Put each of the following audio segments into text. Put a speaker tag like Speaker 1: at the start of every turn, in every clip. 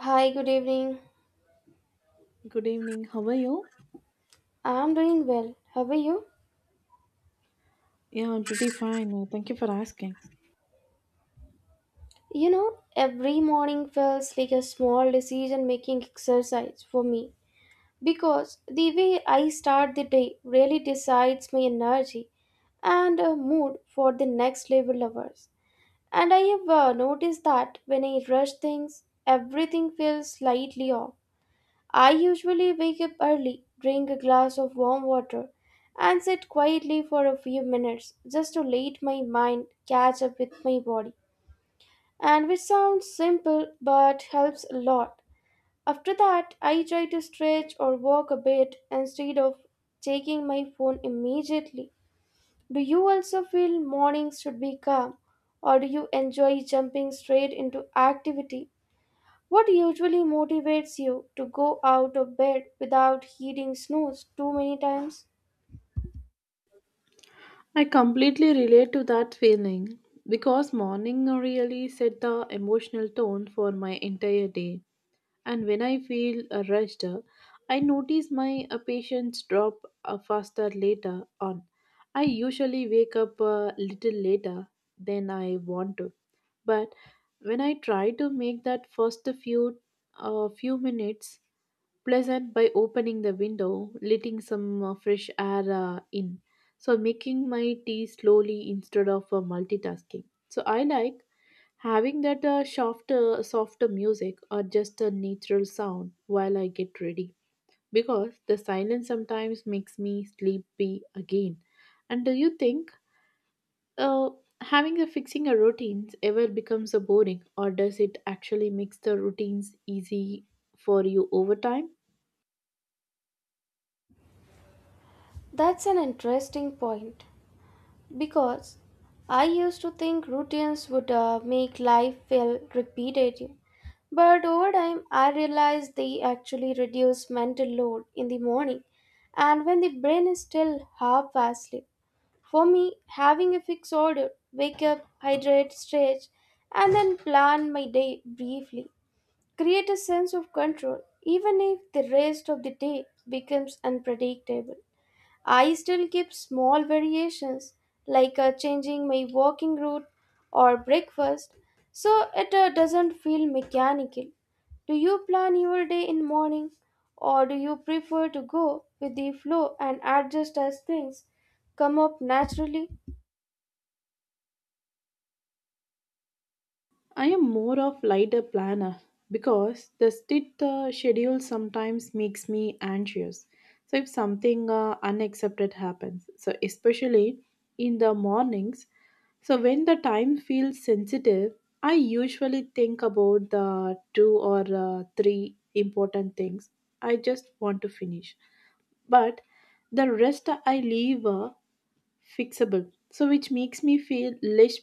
Speaker 1: Hi, good evening.
Speaker 2: Good evening. How are you?
Speaker 1: I'm doing well. How are you?
Speaker 2: Yeah, I'm pretty fine. Thank you for asking.
Speaker 1: You know, every morning feels like a small decision making exercise for me because the way I start the day really decides my energy and mood for the next level of hours. And I have noticed that when I rush things, everything feels slightly off. I usually wake up early, drink a glass of warm water, and sit quietly for a few minutes just to let my mind catch up with my body. And which sounds simple but helps a lot. After that, I try to stretch or walk a bit instead of taking my phone immediately. Do you also feel mornings should be calm, or do you enjoy jumping straight into activity? What usually motivates you to go out of bed without hitting snooze too many times?
Speaker 2: I completely relate to that feeling because morning really set the emotional tone for my entire day. And when I feel rushed, I notice my patience drop faster later on. I usually wake up a little later than I want to, but when I try to make that first few few minutes pleasant by opening the window, letting some fresh air in. So, making my tea slowly instead of multitasking. So, I like having that softer music or just a natural sound while I get ready because the silence sometimes makes me sleepy again. And do you think uh, having a fixing a routines ever becomes a boring or does it actually makes the routines easy for you over time?
Speaker 1: That's an interesting point because I used to think routines would make life feel repetitive. But over time, I realized they actually reduce mental load in the morning and when the brain is still half asleep. For me, having a fixed order, wake up, hydrate, stretch, and then plan my day briefly create a sense of control even if the rest of the day becomes unpredictable. I still keep small variations like changing my walking route or breakfast so it doesn't feel mechanical. Do you plan your day in morning or do you prefer to go with the flow and adjust as things come up naturally?
Speaker 2: I am more of lighter planner because the strict schedule sometimes makes me anxious. So if something unexpected happens, so especially in the mornings, so when the time feels sensitive, I usually think about the two or three important things I just want to finish. But the rest I leave. Fixable so which makes me feel less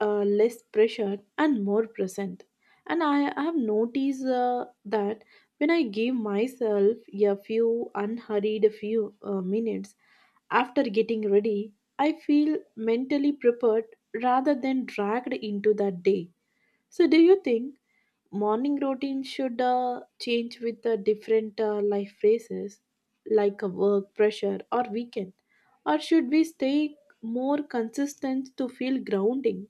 Speaker 2: less pressured and more present and I have noticed that when I give myself a few unhurried few minutes after getting ready I feel mentally prepared rather than dragged into that day. So, do you think morning routine should change with the different life phases, like work pressure or weekend, or should we stay more consistent to feel grounding?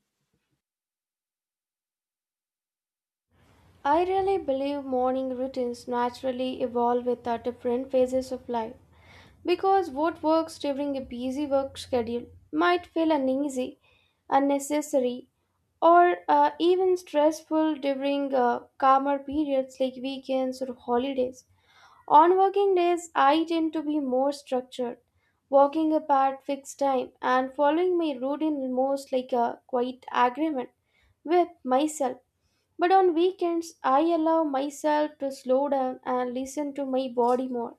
Speaker 1: I really believe morning routines naturally evolve with our different phases of life, because what works during a busy work schedule might feel uneasy, unnecessary, or even stressful during calmer periods like weekends or holidays. On working days, I tend to be more structured, walking apart fixed time and following my routine almost like a quiet agreement with myself. But on weekends, I allow myself to slow down and listen to my body more.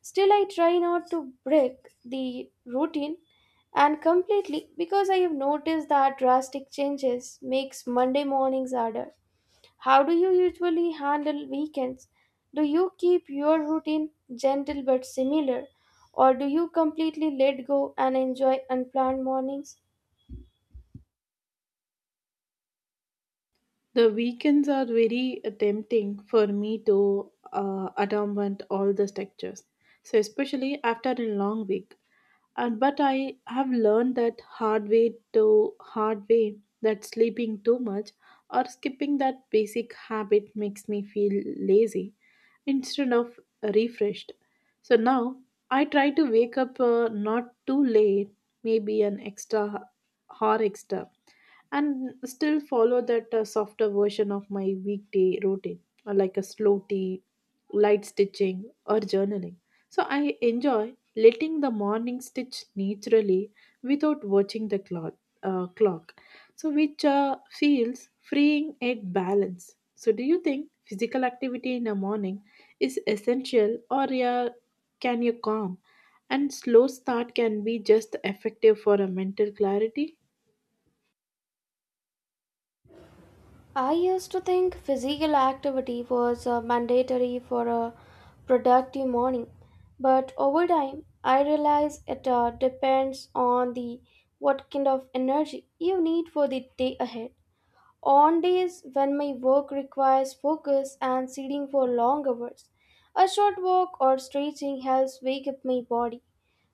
Speaker 1: Still, I try not to break the routine and completely because I have noticed that drastic changes makes Monday mornings harder. How do you usually handle weekends? Do you keep your routine gentle but similar, or do you completely let go and enjoy unplanned mornings?
Speaker 2: The weekends are very tempting for me to automate all the structures, so especially after a long week. And but I have learned that hard way that sleeping too much or skipping that basic habit makes me feel lazy instead of refreshed. So now I try to wake up not too late, maybe an extra hour extra and still follow that softer version of my weekday routine, like a slow tea, light stitching, or journaling. So I enjoy letting the morning stitch naturally without watching the clock. Uh, clock. So, which feels freeing at balance. So, do you think physical activity in the morning is essential, or yeah, can you calm and slow start can be just effective for a mental clarity?
Speaker 1: I used to think physical activity was mandatory for a productive morning, but over time I realized it depends on the what kind of energy you need for the day ahead. On days when my work requires focus and sitting for long hours, a short walk or stretching helps wake up my body.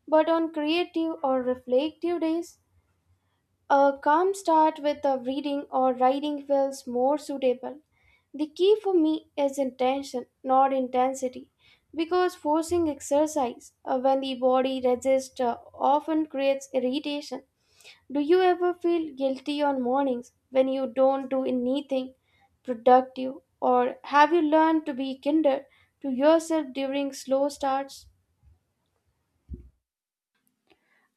Speaker 1: But on creative or reflective days, a calm start with a reading or writing feels more suitable. The key for me is intention, not intensity, because forcing exercise when the body resists often creates irritation. Do you ever feel guilty on mornings when you don't do anything productive, or have you learned to be kinder to yourself during slow starts?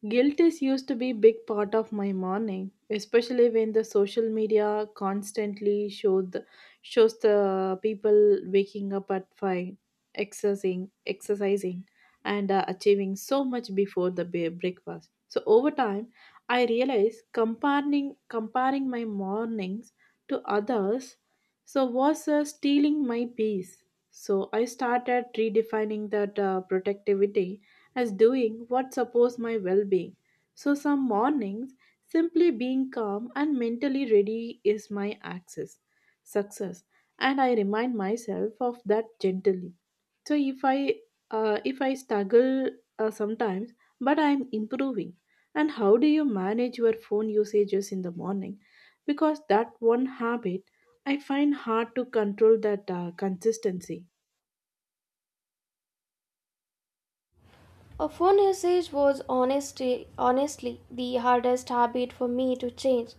Speaker 2: Guilt is used to be a big part of my morning, especially when the social media constantly shows the people waking up at 5, exercising and achieving so much before the breakfast. So over time, I realized comparing my mornings to others so was stealing my peace. So I started redefining that productivity as doing what supports my well being. So, some mornings, simply being calm and mentally ready is my success, and I remind myself of that gently. So, if I struggle sometimes, but I'm improving. And how do you manage your phone usages in the morning? Because that one habit I find hard to control that consistency.
Speaker 1: Of one usage was honestly the hardest habit for me to change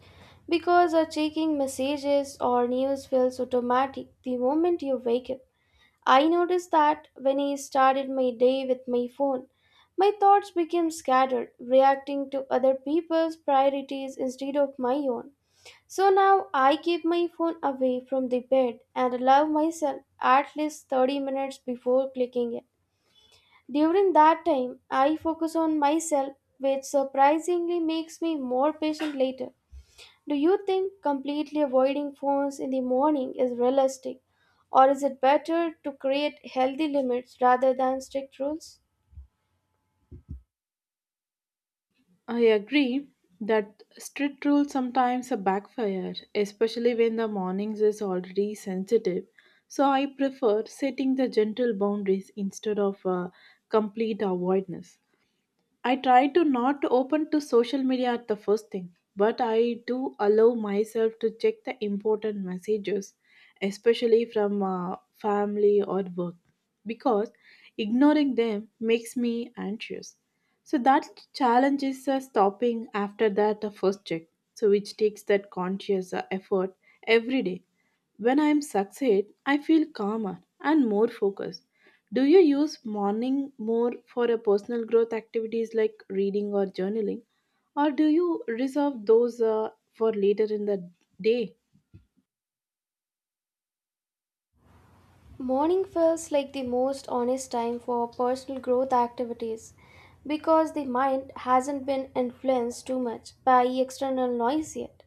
Speaker 1: because checking messages or news feels automatic the moment you wake up. I noticed that when I started my day with my phone, my thoughts became scattered, reacting to other people's priorities instead of my own. So now I keep my phone away from the bed and allow myself at least 30 minutes before clicking it. During that time, I focus on myself, which surprisingly makes me more patient later. Do you think completely avoiding phones in the morning is realistic, or is it better to create healthy limits rather than strict rules?
Speaker 2: I agree that strict rules sometimes backfire, especially when the mornings is already sensitive. So I prefer setting the gentle boundaries instead of complete avoidance. I try to not open to social media at the first thing, but I do allow myself to check the important messages, especially from family or work, because ignoring them makes me anxious. So that challenge is stopping after that first check, so which takes that conscious effort every day. When I am succeed, I feel calmer and more focused. Do you use morning more for a personal growth activities like reading or journaling, or do you reserve those for later in the day?
Speaker 1: Morning feels like the most honest time for personal growth activities because the mind hasn't been influenced too much by external noise yet.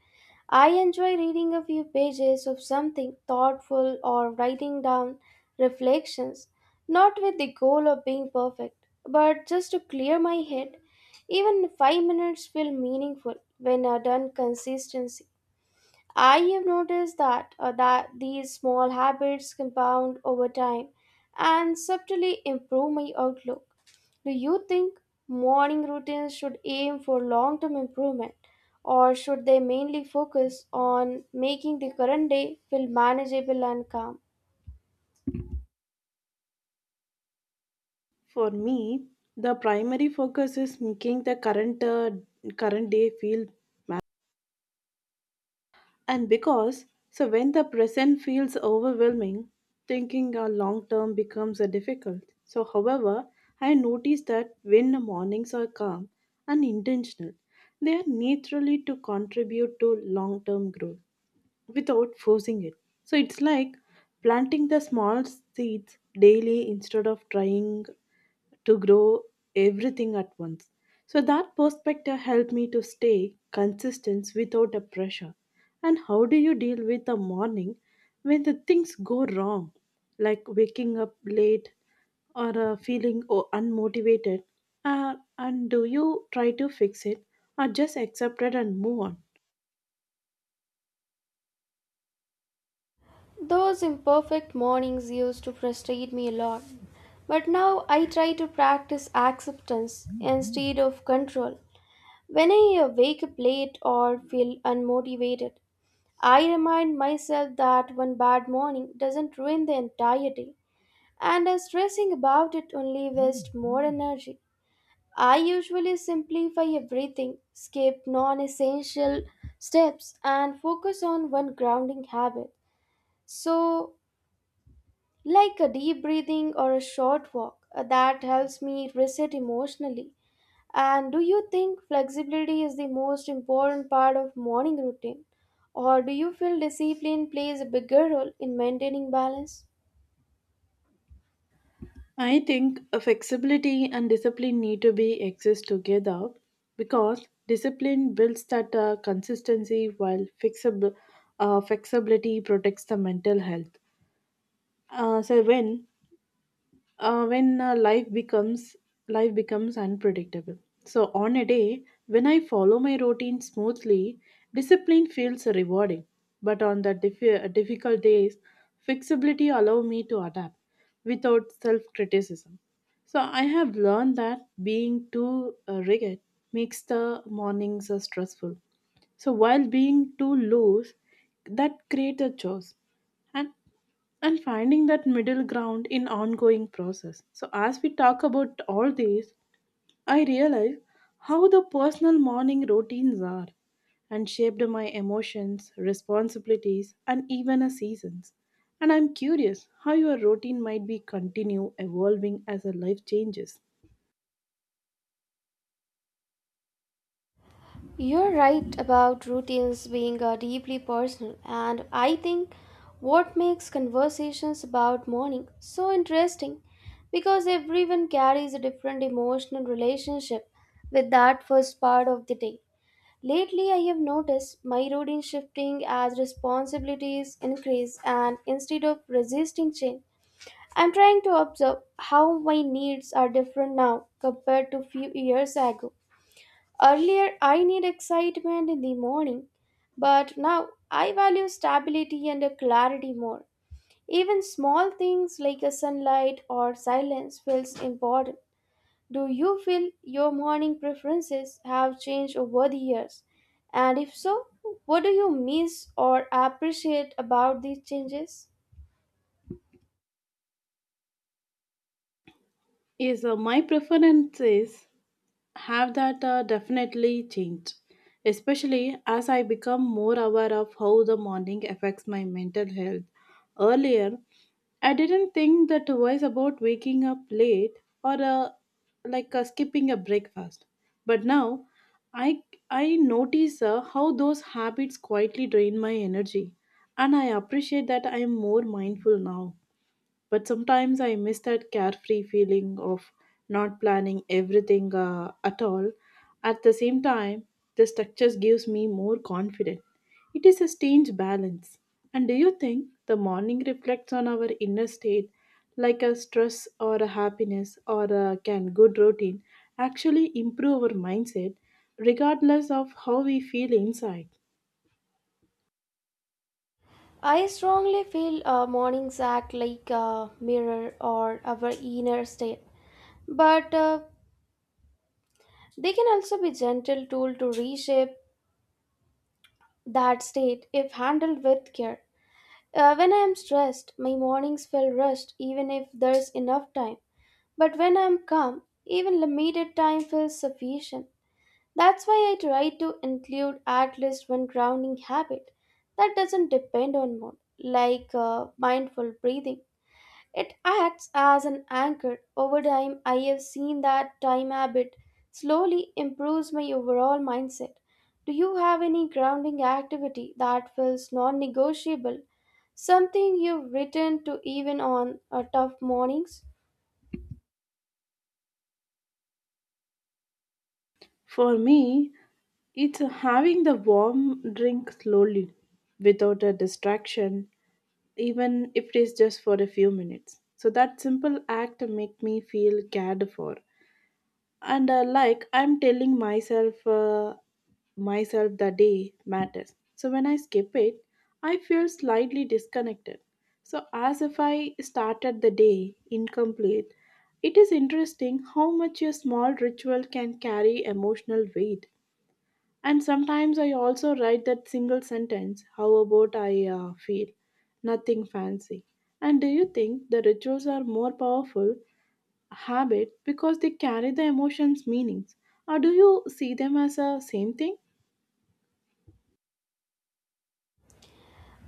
Speaker 1: I enjoy reading a few pages of something thoughtful or writing down reflections, not with the goal of being perfect, but just to clear my head. Even 5 minutes feel meaningful when I done consistency. I have noticed that these small habits compound over time and subtly improve my outlook. Do you think morning routines should aim for long-term improvement or should they mainly focus on making the current day feel manageable and calm?
Speaker 2: For me, the primary focus is making the current day feel and because, so when the present feels overwhelming, thinking a long term becomes difficult. So, however, I notice that when the mornings are calm and intentional, they are naturally to contribute to long term growth without forcing it. So it's like planting the small seeds daily instead of trying to grow everything at once. So that perspective helped me to stay consistent without a pressure. And how do you deal with the morning when the things go wrong, like waking up late or feeling unmotivated? And do you try to fix it or just accept it and move on?
Speaker 1: Those imperfect mornings used to frustrate me a lot, but now I try to practice acceptance instead of control. When I wake up late or feel unmotivated, I remind myself that one bad morning doesn't ruin the entire day, and stressing about it only wastes more energy. I usually simplify everything, skip non essential steps, and focus on one grounding habit. So, like a deep breathing or a short walk, that helps me reset emotionally. And do you think flexibility is the most important part of morning routine? Or do you feel discipline plays a bigger role in maintaining balance?
Speaker 2: I think flexibility and discipline need to be exist together because discipline builds that consistency while flexibility protects the mental health. So when life becomes unpredictable so on a day when I follow my routine smoothly discipline feels rewarding but on the difficult days flexibility allow me to adapt without self criticism so I have learned that being too rigid makes the mornings stressful so while being too loose that creates a chaos And and finding that middle ground in ongoing process so as we talk about all these I realize how the personal morning routines are and shaped my emotions responsibilities and even a seasons and I'm curious how your routine might be continue evolving as a life changes.
Speaker 1: You're right about routines being deeply personal, and I think what makes conversations about morning so interesting because everyone carries a different emotional relationship with that first part of the day. Lately, I have noticed my routine shifting as responsibilities increase, and instead of resisting change, I'm trying to observe how my needs are different now compared to few years ago. Earlier, I need excitement in the morning, but now I value stability and a clarity more. Even small things like a sunlight or silence feels important. Do you feel your morning preferences have changed over the years? And if so, what do you miss or appreciate about these changes?
Speaker 2: Yes, my preference is have that definitely changed especially as I become more aware of how the morning affects my mental health earlier I didn't think that twice about waking up late or skipping a breakfast but now i i notice how those habits quietly drain my energy and I appreciate that I am more mindful now but sometimes I miss that carefree feeling of not planning everything at all. At the same time, the structures gives me more confidence. It is a strange balance. And do you think the morning reflects on our inner state like a stress or a happiness or a can good routine actually improve our mindset regardless of how we feel inside?
Speaker 1: I strongly feel mornings act like a mirror or our inner state, but they can also be gentle tool to reshape that state if handled with care. When I am stressed, my mornings feel rushed even if there's enough time. But when I am calm, even limited time feels sufficient. That's why I try to include at least one grounding habit that doesn't depend on mood, like mindful breathing. It acts as an anchor. Over time, I have seen that time habit slowly improves my overall mindset. Do you have any grounding activity that feels non negotiable? Something you return to even on tough mornings?
Speaker 2: For me, it's having the warm drink slowly without a distraction, even if it is just for a few minutes. So that simple act make me feel cared for. And like I'm telling myself the day matters. So when I skip it, I feel slightly disconnected. So as if I started the day incomplete. It is interesting how much a small ritual can carry emotional weight and sometimes I also write that single sentence, how about I feel? Nothing fancy. And do you think the rituals are more powerful habit because they carry the emotions' meanings? Or do you see them as a same thing?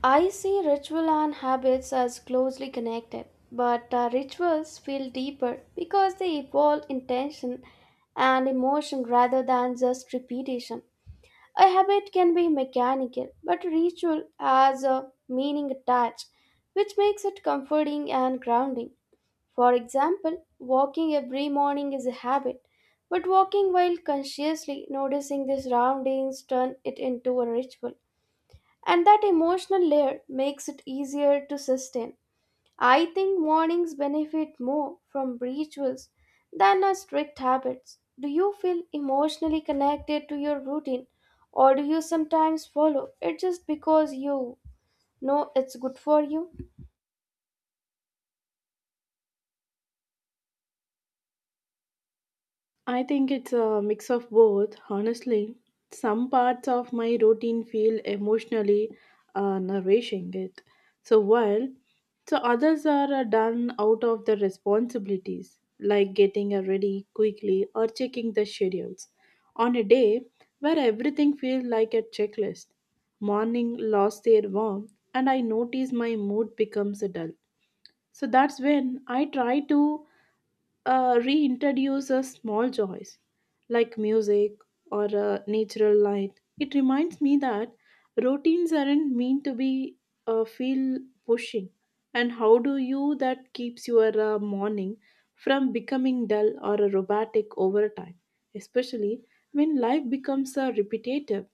Speaker 1: I see ritual and habits as closely connected, but rituals feel deeper because they involve intention and emotion rather than just repetition. A habit can be mechanical, but ritual has a meaning attached, which makes it comforting and grounding. For example, walking every morning is a habit, but walking while consciously noticing the surroundings turn it into a ritual and that emotional layer makes it easier to sustain. I think mornings benefit more from rituals than our strict habits. Do you feel emotionally connected to your routine, or do you sometimes follow it just because you know it's good for you?
Speaker 2: I think it's a mix of both, honestly. Some parts of my routine feel emotionally nourishing it. So while so others are done out of the responsibilities like getting ready quickly or checking the schedules on a day where everything feels like a checklist. Morning lost their warmth and I notice my mood becomes dull. So that's when I try to reintroduce a small joys like music or a natural light. It reminds me that routines aren't meant to be feel pushing. And how do you that keeps your morning from becoming dull or robotic over time, especially when life becomes repetitive?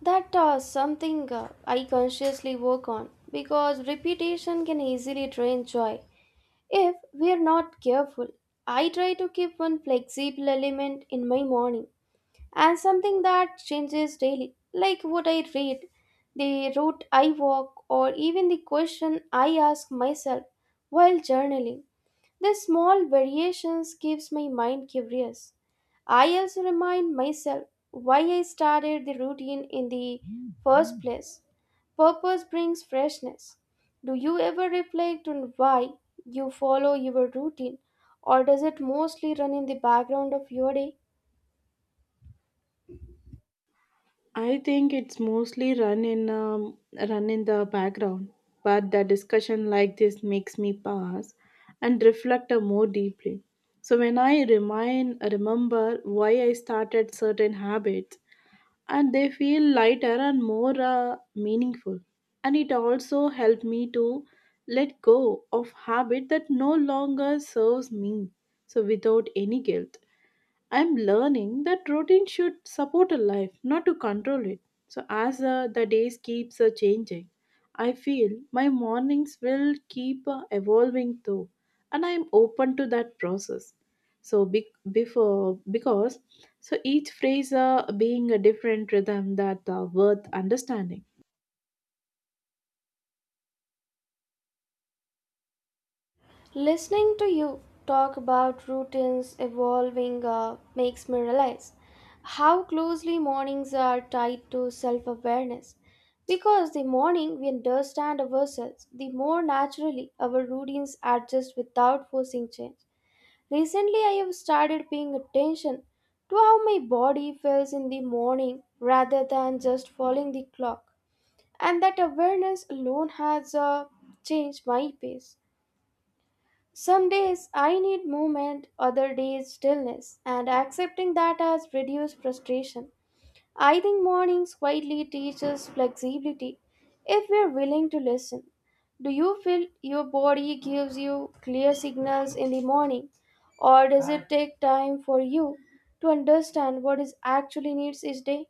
Speaker 1: That something I consciously work on because repetition can easily drain joy if we are not careful. I try to keep one flexible element in my morning and something that changes daily, like what I read, the route I walk, or even the question I ask myself while journaling. These small variations keeps my mind curious. I also remind myself why I started the routine in the first place. Purpose brings freshness. Do you ever reflect on why you follow your routine, or does it mostly run in the background of your day?
Speaker 2: I think it's mostly run in run in the background, but the discussion like this makes me pause and reflect more deeply. So when I remind remember why I started certain habits, and they feel lighter and more meaningful, and it also helped me to let go of habit that no longer serves me. So without any guilt. I'm learning that routine should support a life, not to control it. So as the days keeps changing, I feel my mornings will keep evolving too, and I'm open to that process. So be- before because so each phrase being a different rhythm that worth understanding.
Speaker 1: Listening to you talk about routines evolving makes me realize how closely mornings are tied to self awareness. Because the morning we understand ourselves, the more naturally our routines adjust without forcing change. Recently, I have started paying attention to how my body feels in the morning rather than just following the clock, and that awareness alone has changed my pace. Some days I need movement, other days stillness, and accepting that has reduced frustration. I think mornings quietly teach us flexibility if we are willing to listen. Do you feel your body gives you clear signals in the morning, or does it take time for you to understand what is actually needs each day?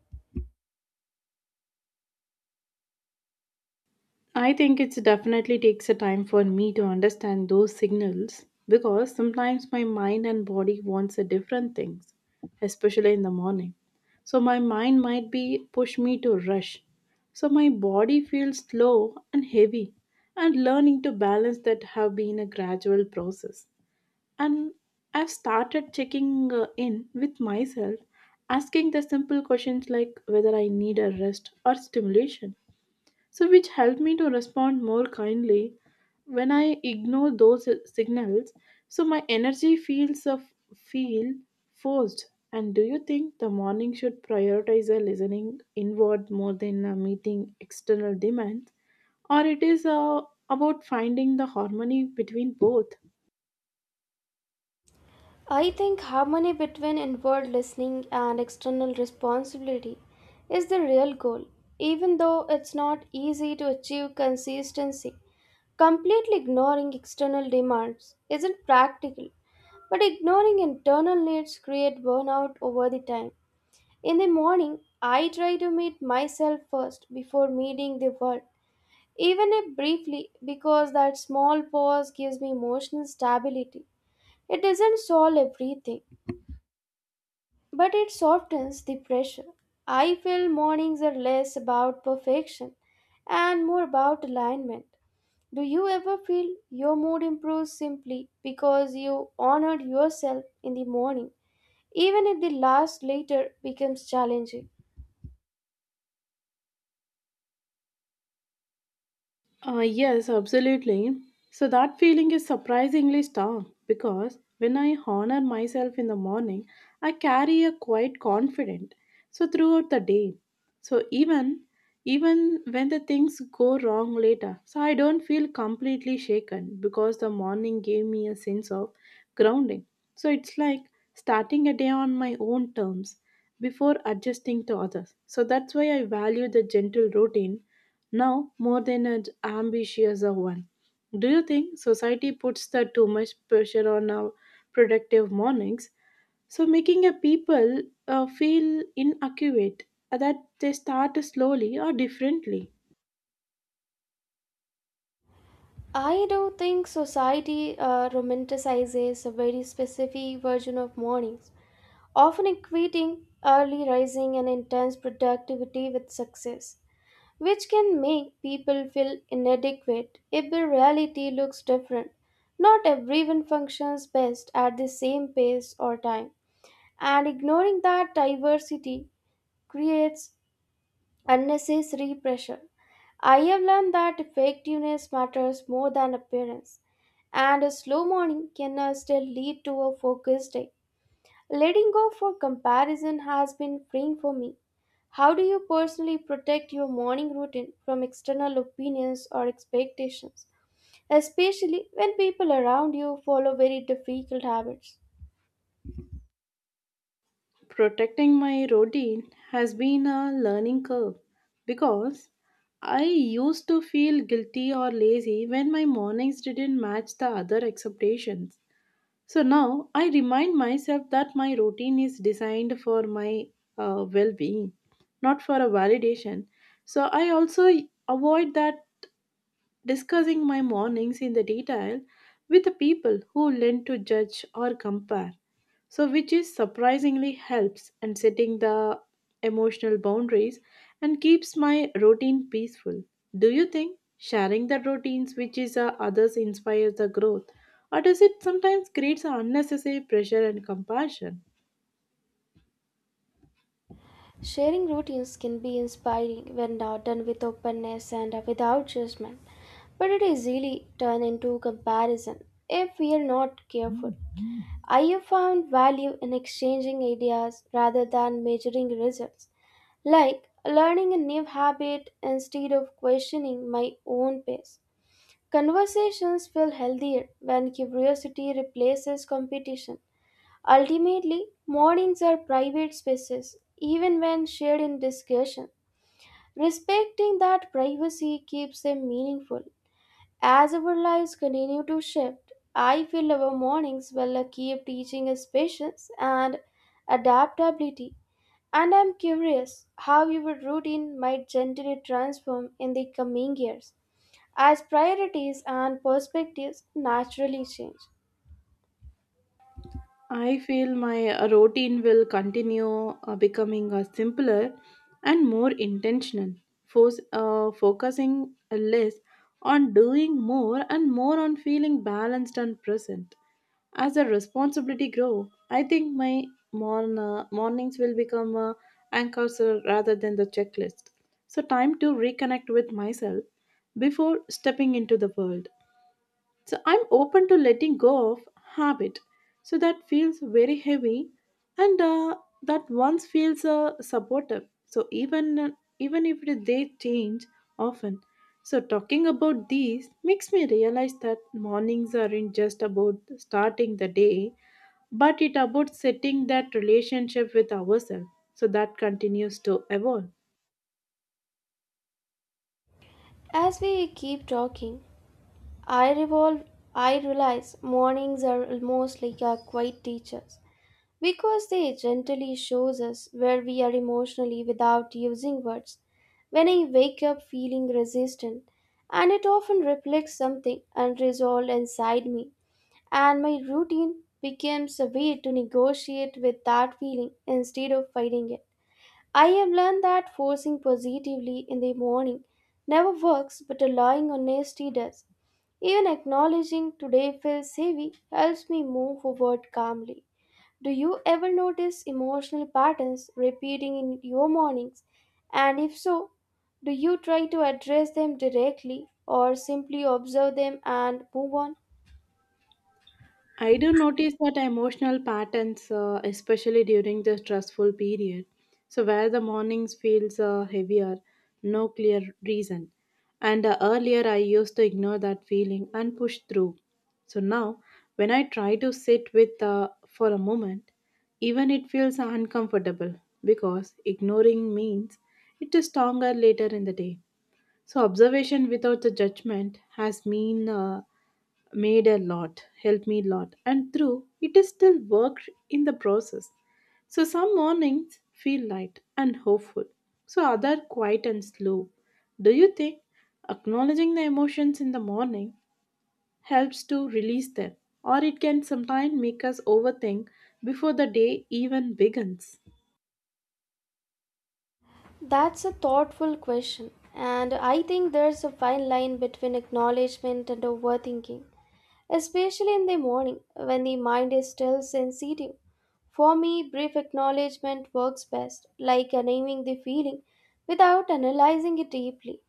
Speaker 2: I think it definitely takes a time for me to understand those signals because sometimes my mind and body wants a different things, especially in the morning. So my mind might be push me to rush. So my body feels slow and heavy and learning to balance that have been a gradual process. And I've started checking in with myself asking the simple questions like whether I need a rest or stimulation so which helped me to respond more kindly when I ignore those signals so my energy feels of feel forced and do you think the morning should prioritize a listening inward more than a meeting external demands or it is about finding the harmony between both.
Speaker 1: I think harmony between inward listening and external responsibility is the real goal, even though it's not easy to achieve consistency. Completely ignoring external demands isn't practical, but ignoring internal needs create burnout over the time. In the morning, I try to meet myself first before meeting the world, even if briefly, because that small pause gives me emotional stability. It doesn't solve everything, but it softens the pressure. I feel mornings are less about perfection and more about alignment. Do you ever feel your mood improves simply because you honored yourself in the morning, even if the last later becomes challenging?
Speaker 2: Yes, absolutely. So that feeling is surprisingly strong because when I honor myself in the morning, I carry a quite confident. So throughout the day, so even when the things go wrong later, so I don't feel completely shaken because the morning gave me a sense of grounding. So it's like starting a day on my own terms before adjusting to others. So that's why I value the gentle routine now more than an ambitious one. Do you think society puts the too much pressure on our productive mornings? So making a people feel inaccurate that they start slowly or differently.
Speaker 1: I do think society romanticizes a very specific version of mornings, often equating early rising and intense productivity with success, which can make people feel inadequate if the reality looks different. Not everyone functions best at the same pace or time, and ignoring that diversity creates unnecessary pressure. I have learned that effectiveness matters more than appearance, and a slow morning can still lead to a focused day. Letting go for comparison has been freeing for me. How do you personally protect your morning routine from external opinions or expectations, especially when people around you follow very difficult habits?
Speaker 2: Protecting my routine has been a learning curve because I used to feel guilty or lazy when my mornings didn't match the other expectations. So now I remind myself that my routine is designed for my well being, not for a validation. So I also avoid that discussing my mornings in the detail with the people who lend to judge or compare so which is surprisingly helps and setting the emotional boundaries and keeps my routine peaceful. Do you think sharing the routines which is others inspires the growth or does it sometimes creates an unnecessary pressure and compassion?
Speaker 1: Sharing routines can be inspiring when now done with openness and without judgment, but it easily turn into comparison if we are not careful. I have found value in exchanging ideas rather than measuring results, like learning a new habit instead of questioning my own pace. Conversations feel healthier when curiosity replaces competition. Ultimately, mornings are private spaces, even when shared in discussion. Respecting that privacy keeps them meaningful. As our lives continue to shift, I feel our mornings will keep teaching us patience and adaptability. And I'm curious how your routine might gently transform in the coming years as priorities and perspectives naturally change.
Speaker 2: I feel my routine will continue becoming simpler and more intentional, focusing less on doing more and more on feeling balanced and present. As the responsibility grow, I think my mornings will become anchors rather than the checklist. So time to reconnect with myself before stepping into the world. So I'm open to letting go of habit. So that feels very heavy and that once feels supportive. So even if they change often. So talking about these makes me realize that mornings aren't just about starting the day, but it about setting that relationship with ourselves. So that continues to evolve.
Speaker 1: As we keep talking, I revolve I realize mornings are almost like our quiet teachers because they gently shows us where we are emotionally without using words. When I wake up feeling resistant, and it often reflects something unresolved inside me and my routine becomes a way to negotiate with that feeling instead of fighting it. I have learned that forcing positively in the morning never works, but allowing honesty does. Even acknowledging today feels heavy helps me move forward calmly. Do you ever notice emotional patterns repeating in your mornings? And if so, do you try to address them directly or simply observe them and move on?
Speaker 2: I do notice that emotional patterns, especially during the stressful period. So, where the mornings feels heavier, no clear reason. And earlier, I used to ignore that feeling and push through. So now, when I try to sit with for a moment, even it feels uncomfortable because ignoring means it is stronger later in the day. So, observation without the judgment has mean made a lot, helped me a lot, and through it is still work in the process. So some mornings feel light and hopeful, so other quiet and slow. Do you think acknowledging the emotions in the morning helps to release them, or it can sometimes make us overthink before the day even begins?
Speaker 1: That's a thoughtful question, and I think there's a fine line between acknowledgement and overthinking, especially in the morning when the mind is still sensitive. For me, brief acknowledgement works best, like naming the feeling without analyzing it deeply,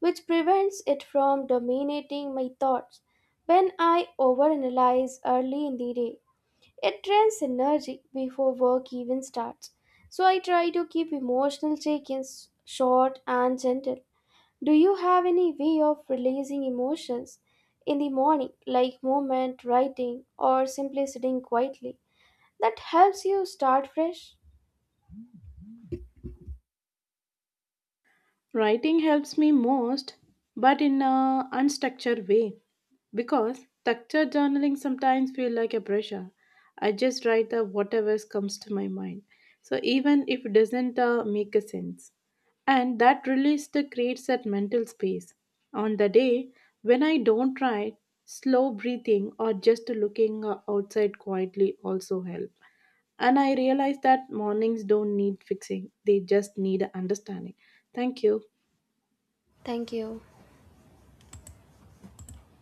Speaker 1: which prevents it from dominating my thoughts when I overanalyze early in the day. It drains energy before work even starts. So I try to keep emotional check ins short and gentle. Do you have any way of releasing emotions in the morning, like movement, writing, or simply sitting quietly, that helps you start fresh?
Speaker 2: Writing helps me most, but in a unstructured way because structured journaling sometimes feel like a pressure. I just write the whatever comes to my mind. So even if it doesn't make a sense. And that release the creates that mental space. On the day when I don't write, slow breathing or just looking outside quietly also help. And I realize that mornings don't need fixing, they just need understanding. Thank you.
Speaker 1: Thank you.